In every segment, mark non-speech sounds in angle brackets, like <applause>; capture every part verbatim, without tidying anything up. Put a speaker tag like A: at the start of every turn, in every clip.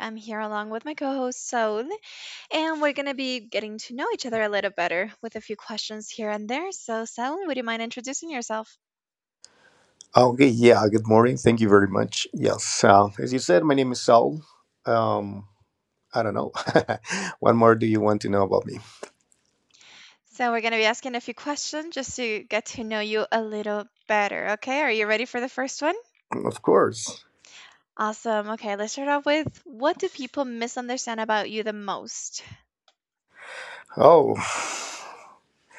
A: I'm here along with my co host, Saul, and we're going to be getting to know each other a little better with a few questions here and there. So, Saul, would you mind introducing yourself?
B: Okay, yeah, good morning. Thank you very much. Yes, uh, as you said, my name is Saul. Um, I don't know. <laughs> what more do you want to know about me?
A: So, we're going to be asking a few questions just to get to know you a little better. Okay, are you ready for the first one?
B: Of course.
A: Awesome. Okay, let's start off with what do people misunderstand about you the most?
B: Oh,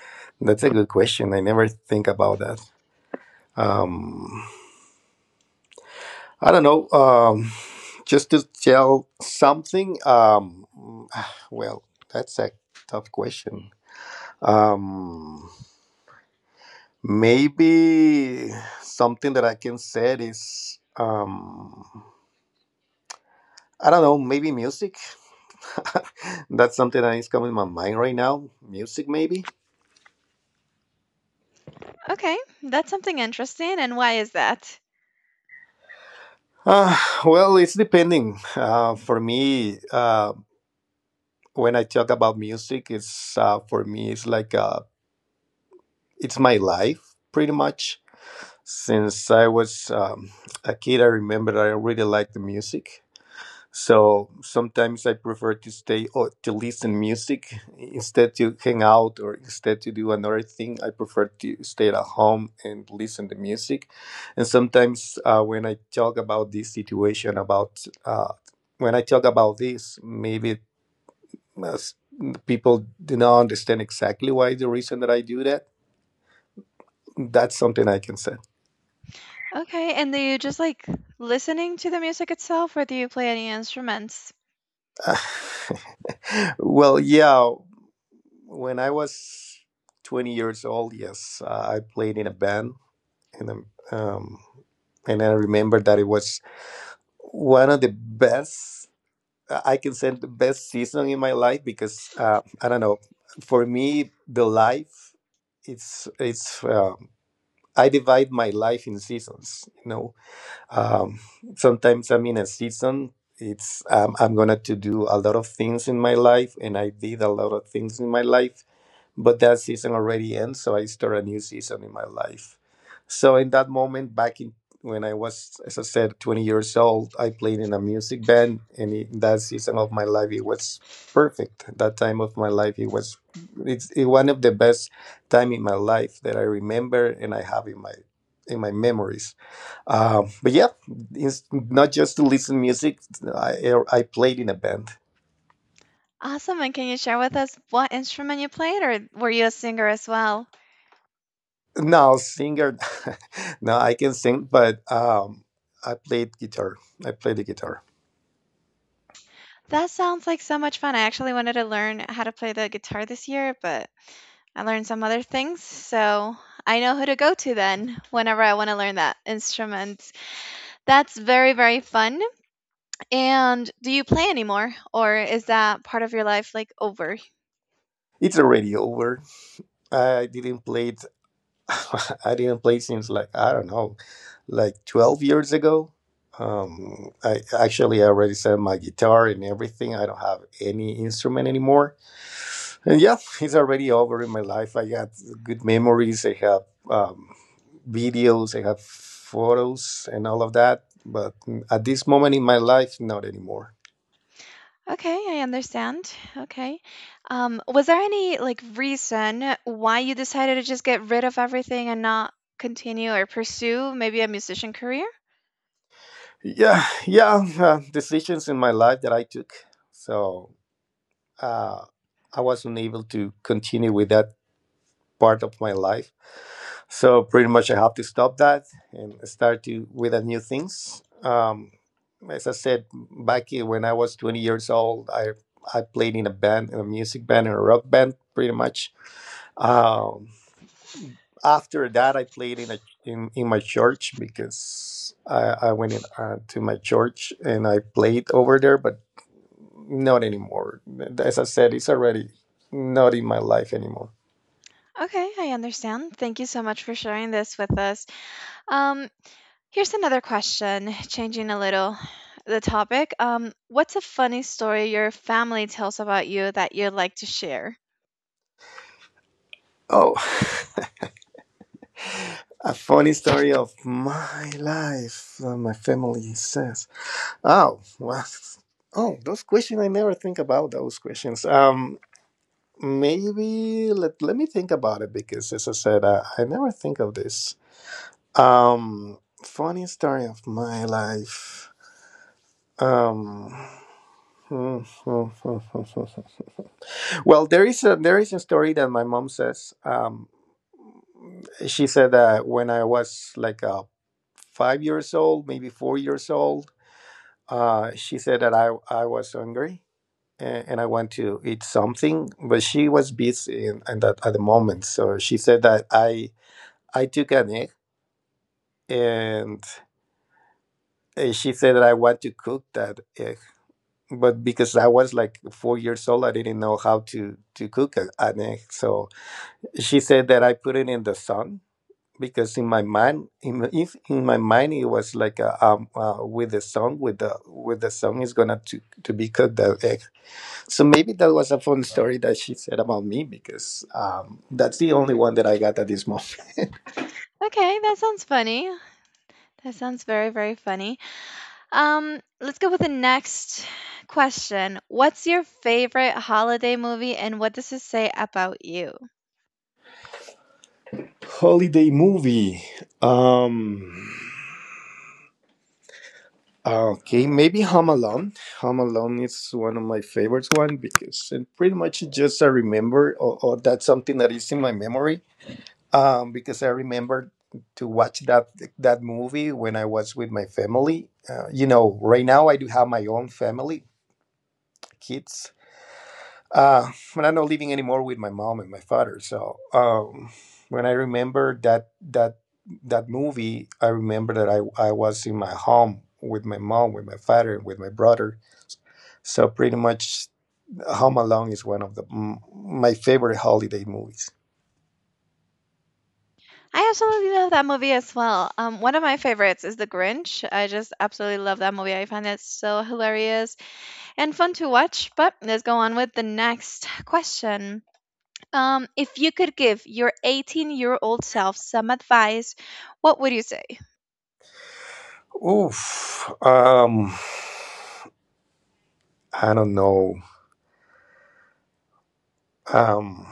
B: <sighs> that's a good question. I never think about that. Um, I don't know. Um, just to tell something, um, <sighs> well, that's a tough question. Um, maybe something that I can say is, um, I don't know, maybe music. <laughs> That's something that is coming in my mind right now. Music, maybe?
A: Okay, that's something interesting, and why is that?
B: Uh, well, it's depending. Uh, for me, uh, when I talk about music, it's, uh, for me, it's like, uh, it's my life pretty much. Since I was, um, a kid, I remember I really liked the music. So sometimes I prefer to stay or to listen music instead to hang out or instead to do another thing. I prefer to stay at home and listen to music. And sometimes, uh, when I talk about this situation, about, uh, when I talk about this, maybe, uh, people do not understand exactly why the reason that I do that. That's something I can say.
A: Okay, and do you just like listening to the music itself, or do you play any instruments?
B: Well, yeah, when I was twenty years old, yes, uh, I played in a band, and um, um, and I remember that it was one of the best, I can say the best season in my life, because, uh, I don't know, for me the life, it's it's uh, I divide my life in seasons you know um, Sometimes I'm in a season, it's, um, I'm gonna to do a lot of things in my life, and I did a lot of things in my life, but that season already ends, so I start a new season in my life. So in that moment, back in when I was, as I said, twenty years old, I played in a music band, and it, that season of my life, it was perfect. That time of my life, it was it's it, one of the best time in my life that I remember and I have in my in my memories. Um, but yeah, it's not just to listen music. I i played in a band.
A: Awesome, and can you share with us what instrument you played, or were you a singer as well?
B: No, singer. <laughs> No, I can sing, but um, I played guitar. I play the guitar.
A: That sounds like so much fun. I actually wanted to learn how to play the guitar this year, but I learned some other things, so I know who to go to then whenever I want to learn that instrument. That's very, very fun. And do you play anymore, or is that part of your life like over?
B: It's already over. I didn't play it <laughs> I didn't play since, like, I don't know, like twelve years ago. Um, I actually already sent my guitar and everything. I don't have any instrument anymore, and yeah, <laughs> it's already over in my life. I got good memories. I have, um, videos. I have photos and all of that. But at this moment in my life, not anymore.
A: Okay, I understand. Okay. Um, was there any like reason why you decided to just get rid of everything and not continue or pursue maybe a musician career?
B: Yeah, yeah, uh, decisions in my life that I took. So, uh, I was unable to continue with that part of my life. So pretty much I have to stop that and start to with the new things. Um, as I said, back in- when I was twenty years old, I I played in a band, in a music band, in a rock band, pretty much. Um, After that, I played in a, in, in my church, because I, I went in, uh, to my church and I played over there, but not anymore. As I said, it's already not in my life anymore.
A: Okay, I understand. Thank you so much for sharing this with us. Um, Here's another question, changing a little the topic. Um, what's a funny story your family tells about you that you'd like to share?
B: Oh. A funny story of my life, uh, my family says. Oh, well, oh, those questions, I never think about those questions. Um, maybe, let, let me think about it, because, as I said, I, I never think of this. Um, Funny story of my life. Um, <laughs> well, there is a there is a story that my mom says. Um. She said that when I was like, uh, five years old, maybe four years old, uh, she said that I, I was hungry, and, and I want to eat something, but she was busy in, in that, at the moment. So she said that I, I took an egg, and uh, she said that I want to cook that egg. But because I was like four years old, I didn't know how to, to cook a, an egg. So she said that I put it in the sun, because in my mind in if in my mind it was like uh um uh, with the song with the with the song is gonna to to be cooked the egg. So maybe that was a fun story that she said about me, because um that's the only one that I got at this moment. <laughs>
A: Okay, that sounds funny. That sounds very, very funny. Um, let's go with the next question. What's your favorite holiday movie and what does it say about you?
B: Holiday movie. um okay, maybe home alone home alone is one of my favorites one, because it pretty much just I remember, or, or that's something that is in my memory, um, because I remember to watch that that movie when I was with my family. Uh, you know, right now I do have my own family, kids, uh, but I'm not living anymore with my mom and my father. So, um, when I remember that that that movie, I remember that I I was in my home with my mom, with my father, and with my brother. So pretty much, Home Alone is one of the m- my favorite holiday movies.
A: I absolutely love that movie as well. Um, one of my favorites is The Grinch. I just absolutely love that movie. I find it so hilarious and fun to watch. But let's go on with the next question. Um, if you could give your eighteen-year-old self some advice, what would you say?
B: Oof. Um, I don't know. Um,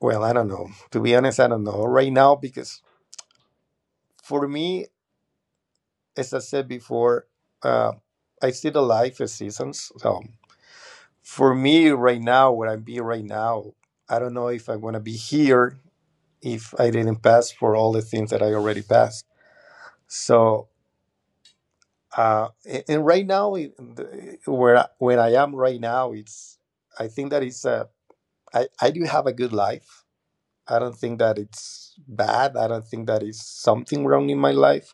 B: well, I don't know. To be honest, I don't know right now, because for me, as I said before, uh, I see the life as seasons. So for me, right now, where I'm being right now, I don't know if I'm gonna be here if I didn't pass for all the things that I already passed. So uh, a- and right now, it- the- where I- when I am right now, it's, I think that it's a, I I do have a good life. I don't think that it's bad. I don't think that it's something wrong in my life.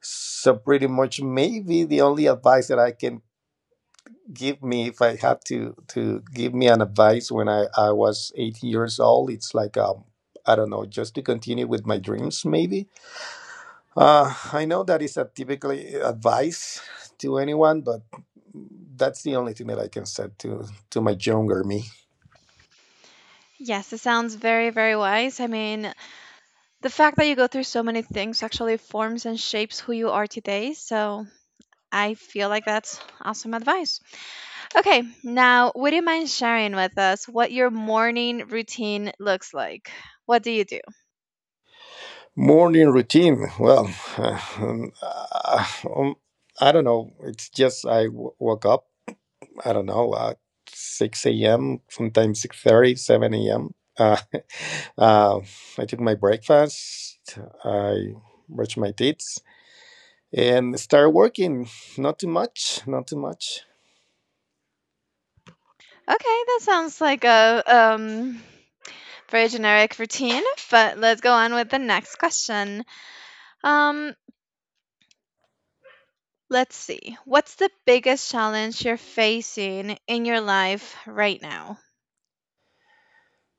B: So pretty much, maybe the only advice that I can give me, if I had to to give me an advice when I, I was eighteen years old, it's like, um I don't know, just to continue with my dreams, maybe. Uh I know that is a typically advice to anyone, but that's the only thing that I can say to to my younger me.
A: Yes, it sounds very, very wise. I mean, the fact that you go through so many things actually forms and shapes who you are today. So I feel like that's awesome advice. Okay, now would you mind sharing with us what your morning routine looks like? What do you do?
B: Morning routine. Well, <laughs> um, uh, um, I don't know. It's just I w- woke up, I don't know, at six a m. Sometimes six thirty, seven a m. Uh, <laughs> uh, I took my breakfast. I brushed my teeth and started working. Not too much. Not too much.
A: Okay, that sounds like a um very generic routine, but let's go on with the next question. Um let's see. What's the biggest challenge you're facing in your life right now?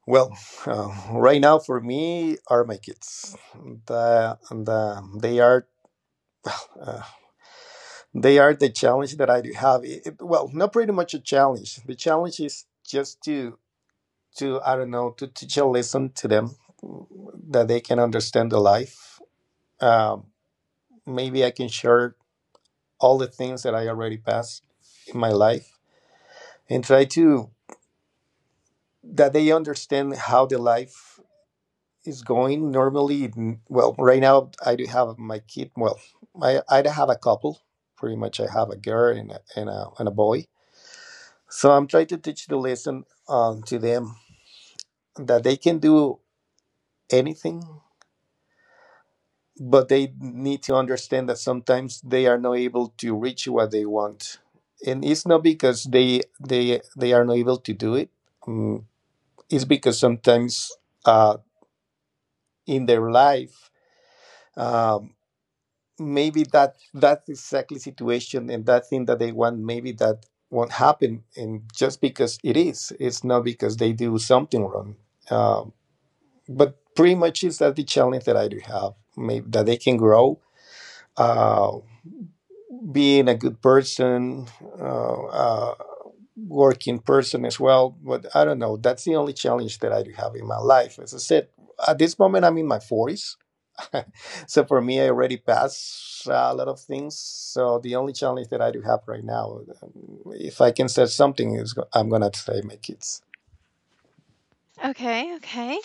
B: Well, uh, right now, for me, are my kids. The, the, they are. Uh, They are the challenge that I do have. It- it- well, not pretty much a challenge. The challenge is just to, to I don't know, to teach a lesson to them that they can understand the life. Um, Maybe I can share all the things that I already passed in my life, and try to that they understand how the life is going. Normally, n- well, right now I do have my kid. Well, I I have a couple. Pretty much, I have a girl and a, and a, and a boy. So I'm trying to teach the lesson, um, to them that they can do anything, but they need to understand that sometimes they are not able to reach what they want, and it's not because they they they are not able to do it. Mm, It's because sometimes, uh, in their life, um, maybe that that exactly situation and that thing that they want, maybe that won't happen, and just because it is, it's not because they do something wrong. Um but pretty much is that the challenge that I do have, maybe that they can grow, uh, being a good person, uh, uh, working person as well. But I don't know. That's the only challenge that I do have in my life. As I said, at this moment I'm in my forties, <laughs> so for me I already passed, uh, a lot of things. So the only challenge that I do have right now, um, if I can say something, is go- I'm gonna say my kids.
A: Okay, okay.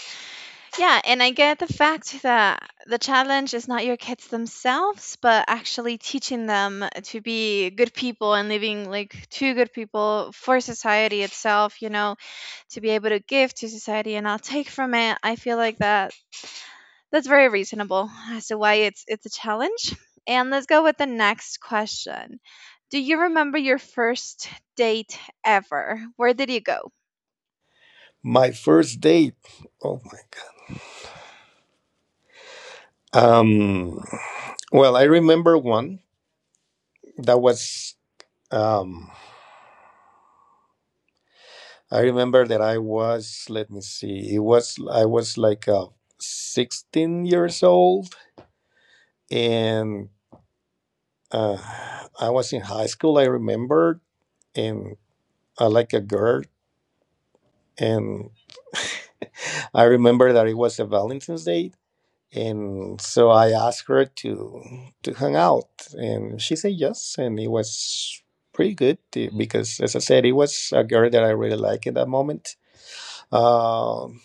A: Yeah, and I get the fact that the challenge is not your kids themselves, but actually teaching them to be good people and living like two good people for society itself, you know, to be able to give to society and not take from it. I feel like that that's very reasonable as to why it's it's a challenge. And let's go with the next question. Do you remember your first date ever? Where did you go?
B: My first date. Oh my God. Um, well, I remember one that was. Um, I remember that I was. Let me see. It was. I was like, uh, sixteen years old, and uh, I was in high school. I remember, and I like a girl, and I remember that it was a Valentine's Day, and so I asked her to to hang out, and she said yes, and it was pretty good too, because, as I said, it was a girl that I really liked at that moment. Um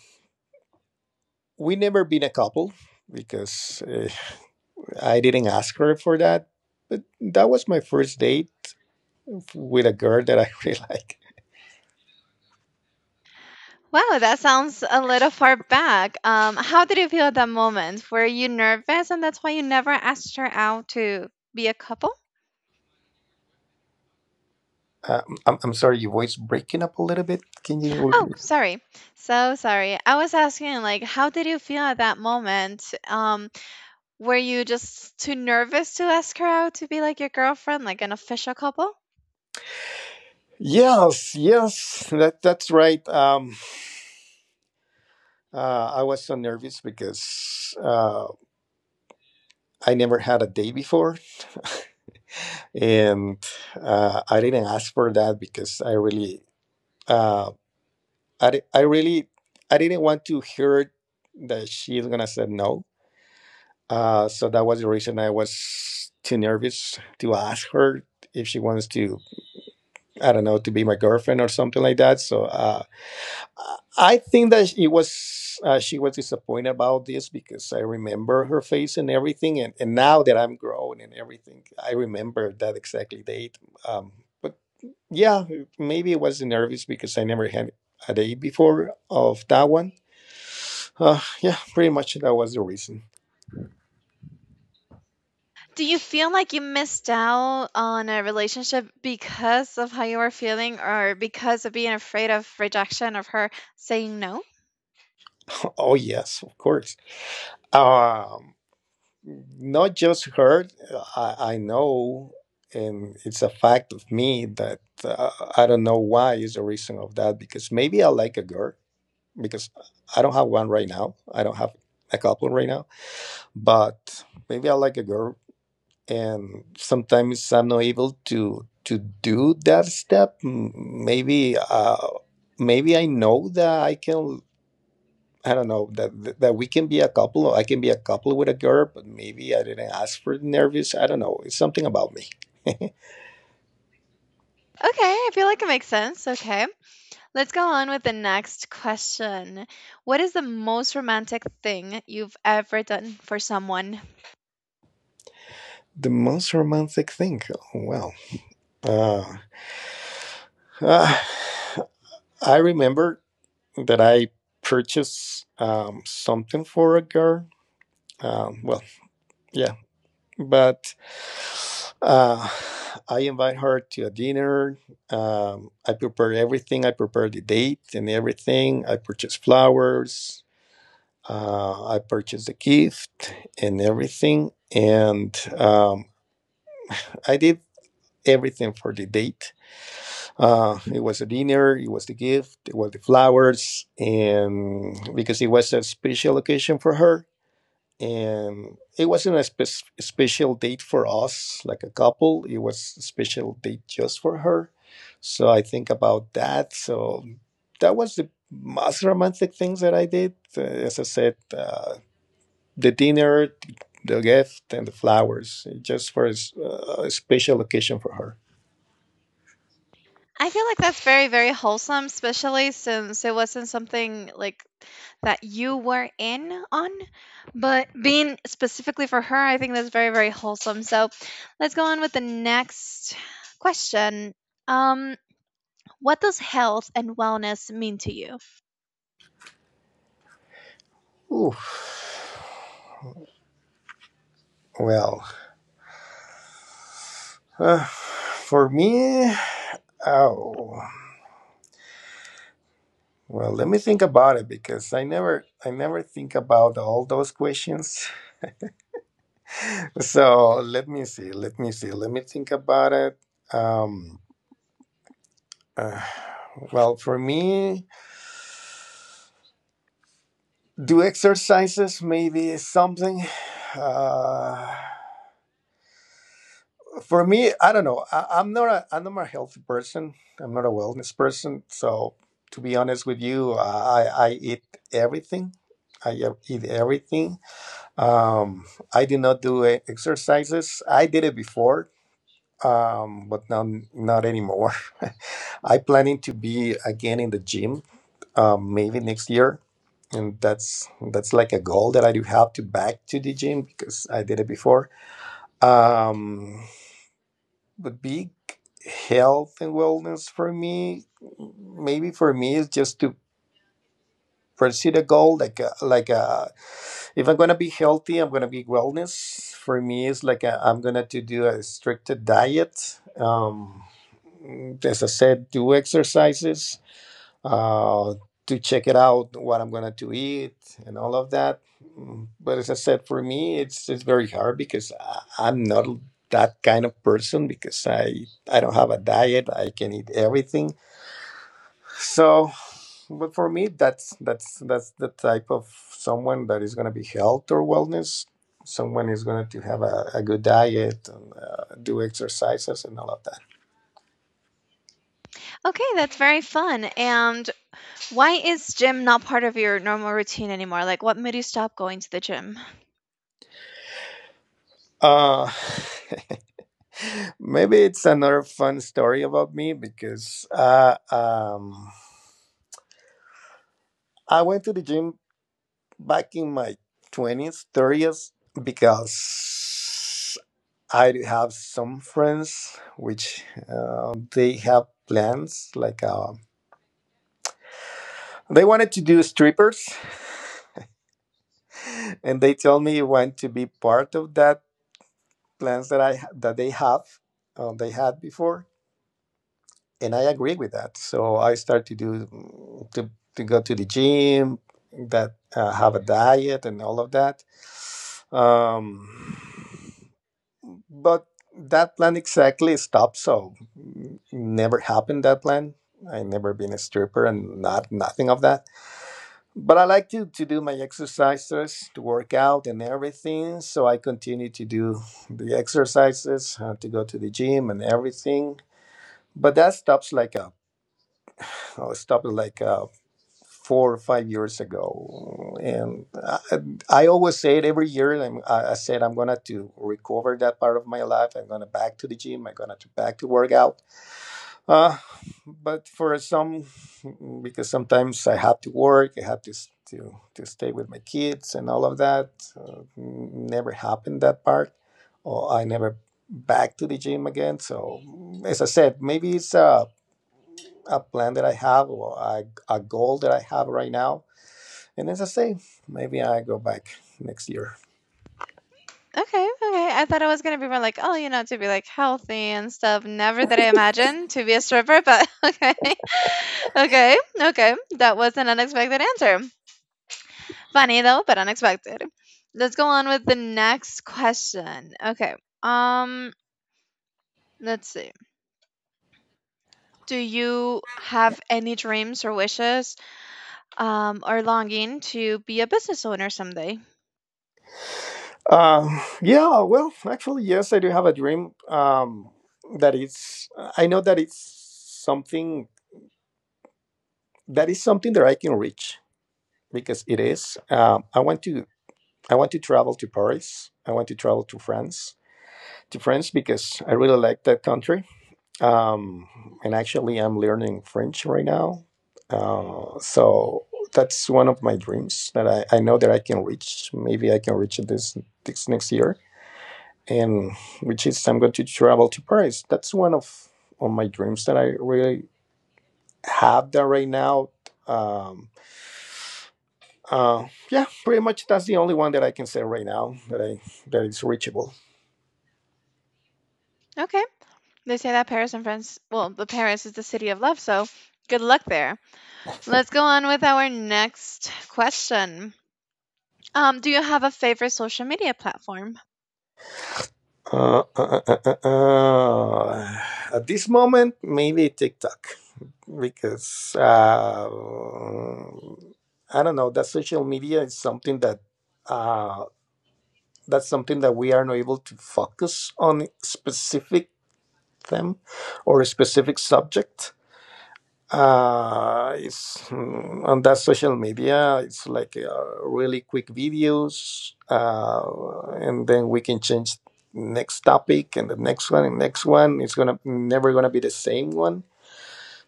B: we never been a couple, because uh, I didn't ask her for that, but that was my first date with a girl that I <laughs> really like.
A: Wow, that sounds a little far back. Um, how did you feel at that moment? Were you nervous and that's why you never asked her out to be a couple?
B: Um, I'm, I'm sorry, your voice breaking up a little bit. Can you <laughs>
A: Oh,
B: repeat?
A: sorry. So sorry. I was asking like how did you feel at that moment? Um, were you just too nervous to ask her out to be like your girlfriend, like an official couple?
B: Yes, yes, that that's right. Um, uh, I was so nervous because. uh, I never had a day before, <laughs> and uh, I didn't ask for that because I really, uh, I, di- I really, I didn't want to hear that she's gonna say no. Uh, so that was the reason I was too nervous to ask her if she wants to, I don't know, to be my girlfriend or something like that. So uh, I think that it was uh, she was disappointed about this because I remember her face and everything, and, and now that I'm grown and everything, I remember that exactly date. Um, but yeah, maybe I was nervous because I never had a date before of that one. Uh, yeah, pretty much that was the reason.
A: Do you feel like you missed out on a relationship because of how you were feeling or because of being afraid of rejection of her saying no?
B: <laughs> Oh yes, of course. Um, Not just hurt. I, I know, and it's a fact of me that uh, I don't know why is the reason of that because maybe I like a girl because I don't have one right now. I don't have a couple right now, but maybe I like a girl, and sometimes I'm not able to to do that step. M- Maybe uh, Maybe I know that I can. I don't know that that we can be a couple. I can be a couple with a girl, but maybe I didn't ask for nervous. I don't know. It's something about me. <laughs>
A: Okay, I feel like it makes sense. Okay. Let's go on with the next question. What is the most romantic thing you've ever done for someone?
B: The most romantic thing. Oh, Well, uh, <sighs> uh, I remember that I purchased um, something for a girl. Um, well, yeah, but uh, I invite her to a dinner. Um, I prepare everything. I prepare the date and everything. I purchase flowers. Uh, I purchase the gift and everything. And um, I did everything for the date. Uh, it was a dinner. It was the gift. It was the flowers. And because it was a special occasion for her, and it wasn't a spe- special date for us like a couple. It was a special date just for her, so I think about that. So that was the most romantic things that I did. Uh, as I said, uh, the dinner, the gift, and the flowers, just for a, s- uh, a special occasion for her.
A: I feel like that's very, very wholesome, especially since it wasn't something like that you were in on. But being specifically for her, I think that's very, very wholesome. So let's go on with the next question. Um, what does health and wellness mean to you?
B: Ooh, well, uh, for me, oh, well, let me think about it because I never, I never think about all those questions. So let me see. Let me see. Let me think about it. Um, <sighs> uh, well, for me, do exercises maybe something. Uh, for me, I don't know. I, I'm not a I'm not a healthy person. I'm not a wellness person. So to be honest with you, I I eat everything. I e- eat everything. Um, I did not do e- exercises. I did it before, um, but now not anymore. <laughs> I planning to be again in the gym, um, maybe next year, and that's that's like a goal that I do have to back to the gym because I did it before. Um, but big health and wellness for me, maybe for me is just to pursue the goal like a, like a if I'm gonna be healthy, I'm gonna be wellness. For me, it's like i I'm gonna to do a stricter diet. Um, as I said, do exercises, uh, to check it out, what I'm gonna to eat, and all of that. Mm, But as I said, for me, it's it's very hard because I, I'm not that kind of person because I I don't have a diet. I can eat everything. So but for me, that's that's that's the type of someone that is going to be health or wellness. Someone is going to have a, a good diet and uh, do exercises and all of that.
A: Okay, that's very fun. And why is gym not part of your normal routine anymore? Like, what made you stop going to the gym?
B: Uh, <laughs> Maybe it's another fun story about me because uh, um, I went to the gym back in my twenties, thirties, because I do have some friends which uh, they have plans like uh, they wanted to do strippers, <laughs> and they told me want to be part of that plans that I that they have uh, they had before, and I agree with that. So I start to do to to go to the gym, that uh, have a diet and all of that. Um, But that plan exactly stopped, so mm, never happened that plan. I never been a stripper and not nothing of that. But I like to, to do my exercises, to work out and everything. So I continue to do the exercises, uh, to go to the gym and everything. But that stops like a oh, stopped like uh four or five years ago, and I, I always say it every year. I'm, I I said I'm gonna to recover that part of my life. I'm gonna back to the gym. I'm gonna to back to work out. Uh, but for some, because sometimes I have to work. I have to s- to to stay with my kids and all of that. Uh, never happened that part, or I never back to the gym again. So as I said, maybe it's a a plan that I have or a, a goal that I have right now, and as I say, maybe I go back next year.
A: Okay, okay. I thought I was gonna be more like, oh, you know, to be like healthy and stuff. Never did I imagine to be a stripper, but <laughs> okay, okay, okay. That was an unexpected answer. Funny though, but unexpected. Let's go on with the next question. Okay. Um, let's see. Do you have any dreams or wishes, um, or longing to be a business owner someday?
B: Um, yeah, well, actually, yes, I do have a dream. Um, that it's. I know that it's something that is something that I can reach because it is. Um, I want to, I want to travel to Paris. I want to travel to France, to France, because I really like that country. Um, and actually, I'm learning French right now. Uh, so that's one of my dreams that I, I know that I can reach. Maybe I can reach it this this next year. And which is I'm going to travel to Paris. That's one of of my dreams that I really have that right now. Um, uh, yeah, pretty much that's the only one that I can say right now that I that is reachable.
A: Okay, they say that Paris in France, well, the Paris is the city of love, so good luck there. Let's go on with our next question. Um, do you have a favorite social media platform?
B: Uh, uh, uh, uh, uh, uh, at this moment, maybe TikTok, because uh, I don't know. That social media is something that uh, that's something that we are not able to focus on specific them or a specific subject. Uh it's mm, on that social media, it's like uh, really quick videos, uh and then we can change next topic and the next one and next one. It's gonna never gonna be the same one.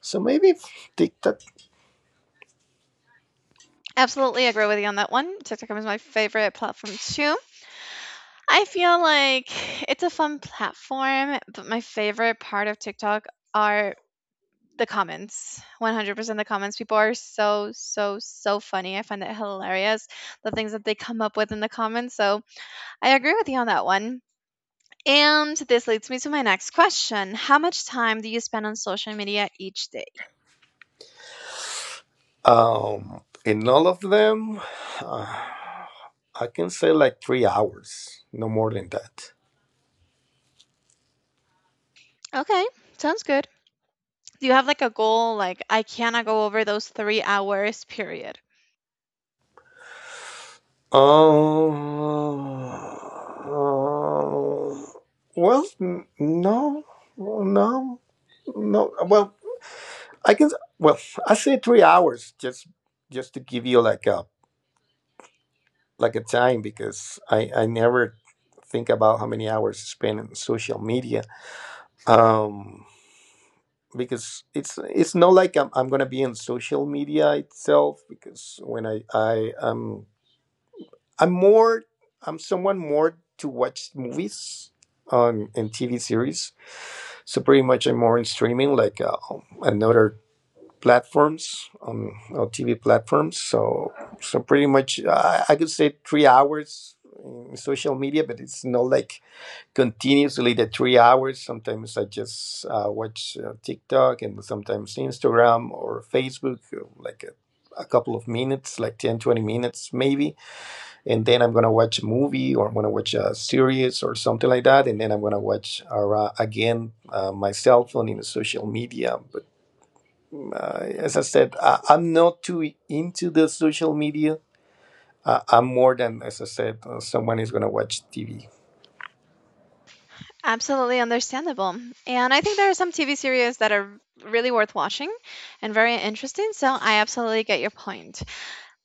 B: So maybe TikTok,
A: Absolutely agree with you on that one. TikTok is my favorite platform too. I feel like it's a fun platform, but my favorite part of TikTok are the comments. one hundred percent the comments. People are so, so, so funny. I find it hilarious the things that they come up with in the comments. So I agree with you on that one. And this leads me to my next question. How much time do you spend on social media each day?
B: um in all of them, uh, I can say like three hours, no more than that.
A: Okay, sounds good. Do you have like a goal like I cannot go over those three hours period?
B: Um, uh, well, n- no, well, no, no. Well, I can. Well, I say three hours just just to give you like a like a time because I I never think about how many hours I spend on social media. Um, because it's it's not like I'm I'm gonna be on social media itself because when I I am I'm more I'm someone more to watch movies on and T V series. So pretty much I'm more in streaming like, uh, and other platforms, um or T V platforms. So so pretty much, uh, I could say three hours in social media, but it's not like continuously the three hours. Sometimes I just uh, watch uh, TikTok and sometimes Instagram or Facebook, uh, like a, a couple of minutes, like ten, twenty minutes maybe, and then I'm gonna watch a movie or I'm gonna watch a series or something like that, and then I'm gonna watch uh, again uh, my cell phone in the social media. But uh, as I said, I, I'm not too into the social media. Uh, I'm more than, as I said, uh, someone is gonna watch T V.
A: Absolutely understandable. And I think there are some T V series that are really worth watching and very interesting, so I absolutely get your point.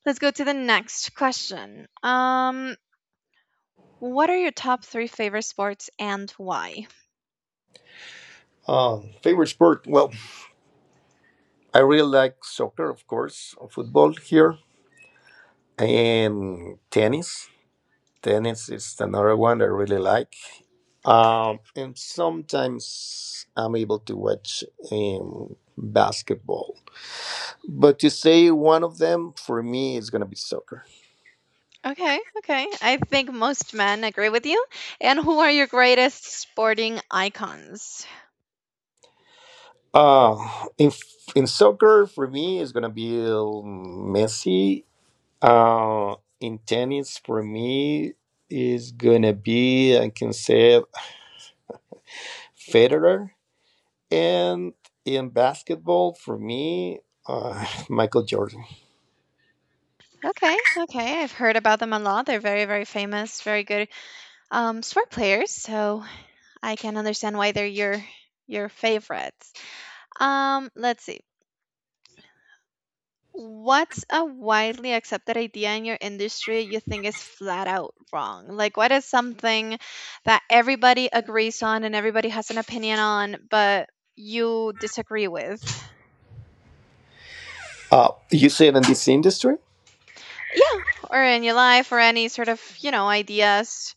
A: Let's go to the next question. Um what are your top three favorite sports and why?
B: Um, favorite sport? Well, I really like soccer, of course, uh, football here, and tennis. Tennis is another one I really like. Um, and sometimes I'm able to watch um, basketball. But to say one of them, for me is gonna be soccer.
A: Okay, okay. I think most men agree with you. And who are your greatest sporting icons?
B: Uh, in in soccer for me is gonna be, um, Messi. Uh, in tennis for me is gonna be, I can say, Federer, and in basketball for me, uh, <laughs> Michael Jordan.
A: Okay, okay. I've heard about them a lot. They're very, very famous, very good um, sport players. So I can understand why they're your your favorites. Um, let's see. What's a widely accepted idea in your industry you think is flat out wrong? Like, what is something that everybody agrees on and everybody has an opinion on, but you disagree with?
B: Uh, you said in this industry?
A: Yeah, or in your life or any sort of, you know, ideas.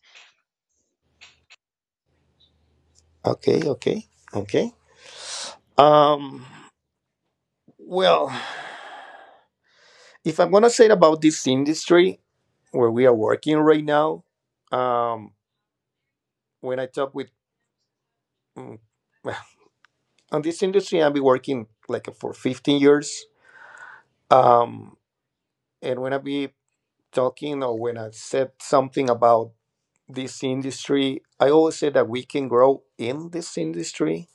B: Okay, okay, okay. Um, well, if I'm gonna say about this industry where we are working right now, um, when I talk with mm, well, <laughs> on this industry, I've been working like for fifteen years. Um, and when I be talking or when I said something about this industry, I always say that we can grow in this industry,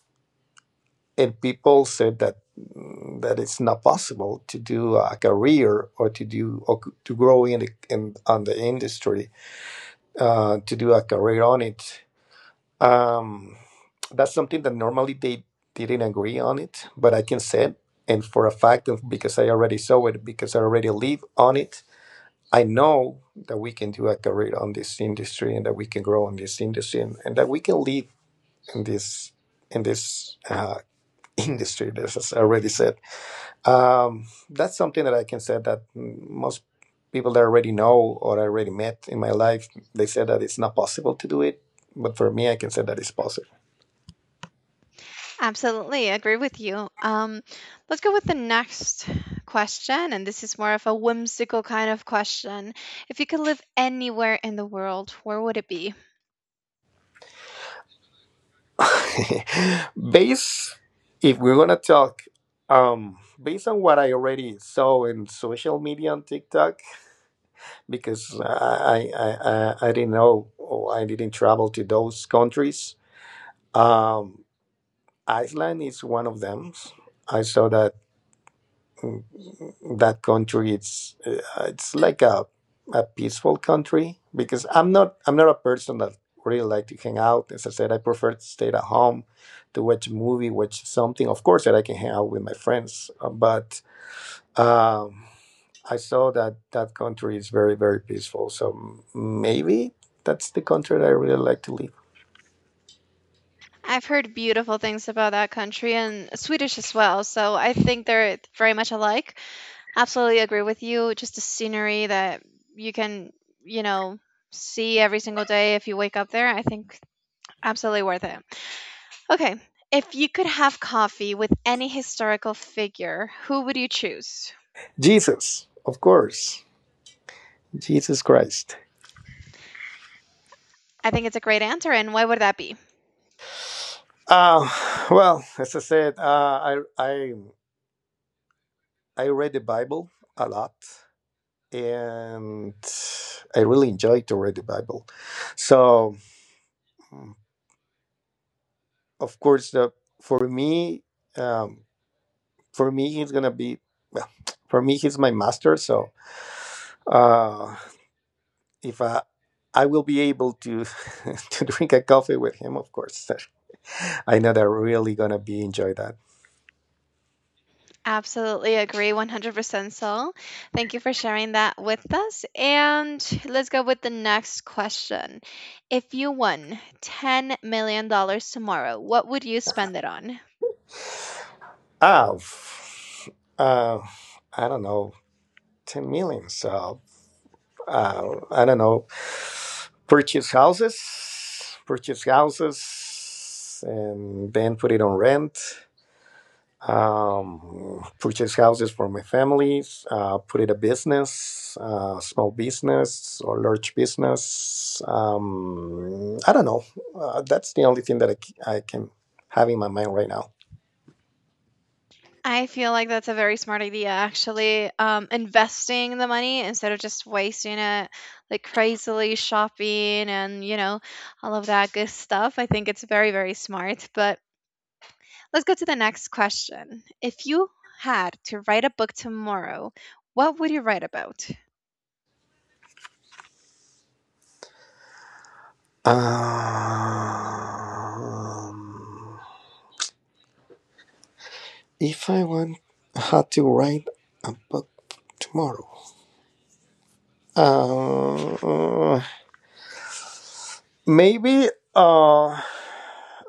B: and people said that mm, that it's not possible to do, uh, a career or to do or to grow in, the, in on the industry, uh, to do a career on it. um, that's something that normally they didn't agree on it, but I can say it, and for a fact of because I already saw it, because I already live on it. I know that we can do a career on this industry, and that we can grow on this industry, and, and that we can live in this in this uh, <laughs> industry, as I already said. Um, that's something that I can say that, mm, most people that I already know or I already met in my life, they said that it's not possible to do it. But for me, I can say that it's possible.
A: Absolutely, I agree with you. Um, let's go with the next question, and this is more of a whimsical kind of question. If you could live anywhere in the world, where would it be?
B: <laughs> based, if we're gonna talk, um, based on what I already saw in social media on TikTok, because I I I, I didn't know or I didn't travel to those countries. Um, Iceland is one of them. I saw that. mm, that country, it's uh, it's like a a peaceful country because I'm not I'm not a person that really like to hang out. As I said, I prefer to stay at home to watch a movie, watch something. Of course, that I can hang out with my friends, uh, but um, I saw that that country is very very peaceful. So maybe that's the country that I really like to live.
A: I've heard beautiful things about that country and Swedish as well, so I think they're very much alike. Absolutely agree with you. Just the scenery that you can, you know, see every single day if you wake up there, I think absolutely worth it. Okay. If you could have coffee with any historical figure, who would you choose?
B: Jesus, of course, Jesus Christ.
A: I think it's a great answer. And why would that be?
B: Uh, well, as I said, uh, I I I read the Bible a lot, and I really enjoy to read the Bible. So, mm, of course, the, for me, um, for me, he's gonna be, well, <tsk> for me, he's my master. So, uh, if I, I will be able to <laughs> to drink a coffee with him, of course, <laughs> I know that I really gonna be enjoy that.
A: Absolutely agree. one hundred percent so. Thank you for sharing that with us. And let's go with the next question. If you won $10 million dollars tomorrow, what would you spend it on?
B: Ah, f- uh, I don't know, ten million. So. uh, I don't know, purchase houses, purchase houses, and then put it on rent. Um, purchase houses for my families. Uh, put it a business, uh, small business or large business. Um, I don't know. Uh, that's the only thing that I I can have in my mind right now.
A: I feel like that's a very smart idea, actually. Um, investing the money instead of just wasting it like crazily shopping and, you know, all of that good stuff. I think it's very, very smart. But let's go to the next question. If you had to write a book tomorrow, what would you write about?
B: Um, if I want had to write a book tomorrow. Um, Maybe uh,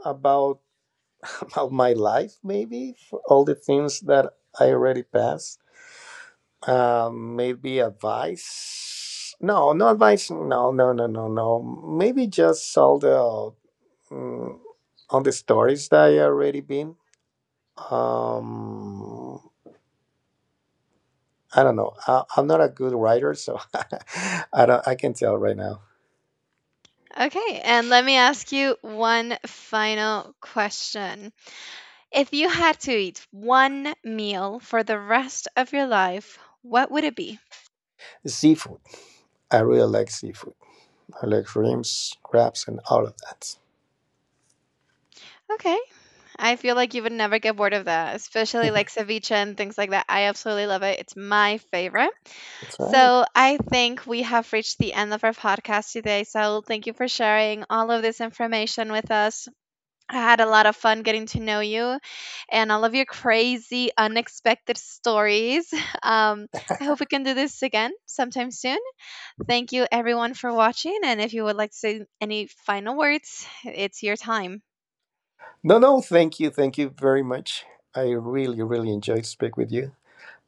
B: about about my life, maybe for all the things that I already passed. Um, maybe advice. No, no advice. No, no, no, no, no. Maybe just all the mm, all the stories that I already been. Um, I don't know. I, I'm not a good writer, so <laughs> I don't. I can tell right now.
A: Okay, and let me ask you one final question. If you had to eat one meal for the rest of your life, what would it be?
B: Seafood. I really like seafood. Legumes, crabs, and all of that.
A: I feel like you would never get bored of that, especially like
B: <laughs>
A: ceviche and things like that. I absolutely love it. It's my favorite.
B: That's right.
A: So I think we have reached the end of our podcast today. So thank you for sharing all of this information with us. I had a lot of fun getting to know you and all of your crazy, unexpected stories. <laughs> Um, I hope we can do this again sometime soon. Thank you, everyone, for watching. And if you would like to say any final words, it's your time.
B: No, no, thank you. Thank you very much. I really, really enjoyed to speak with you.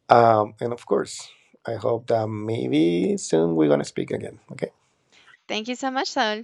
B: Um, and of course, I hope that maybe soon we're going to speak again. Okay.
A: Thank you so much, Saul.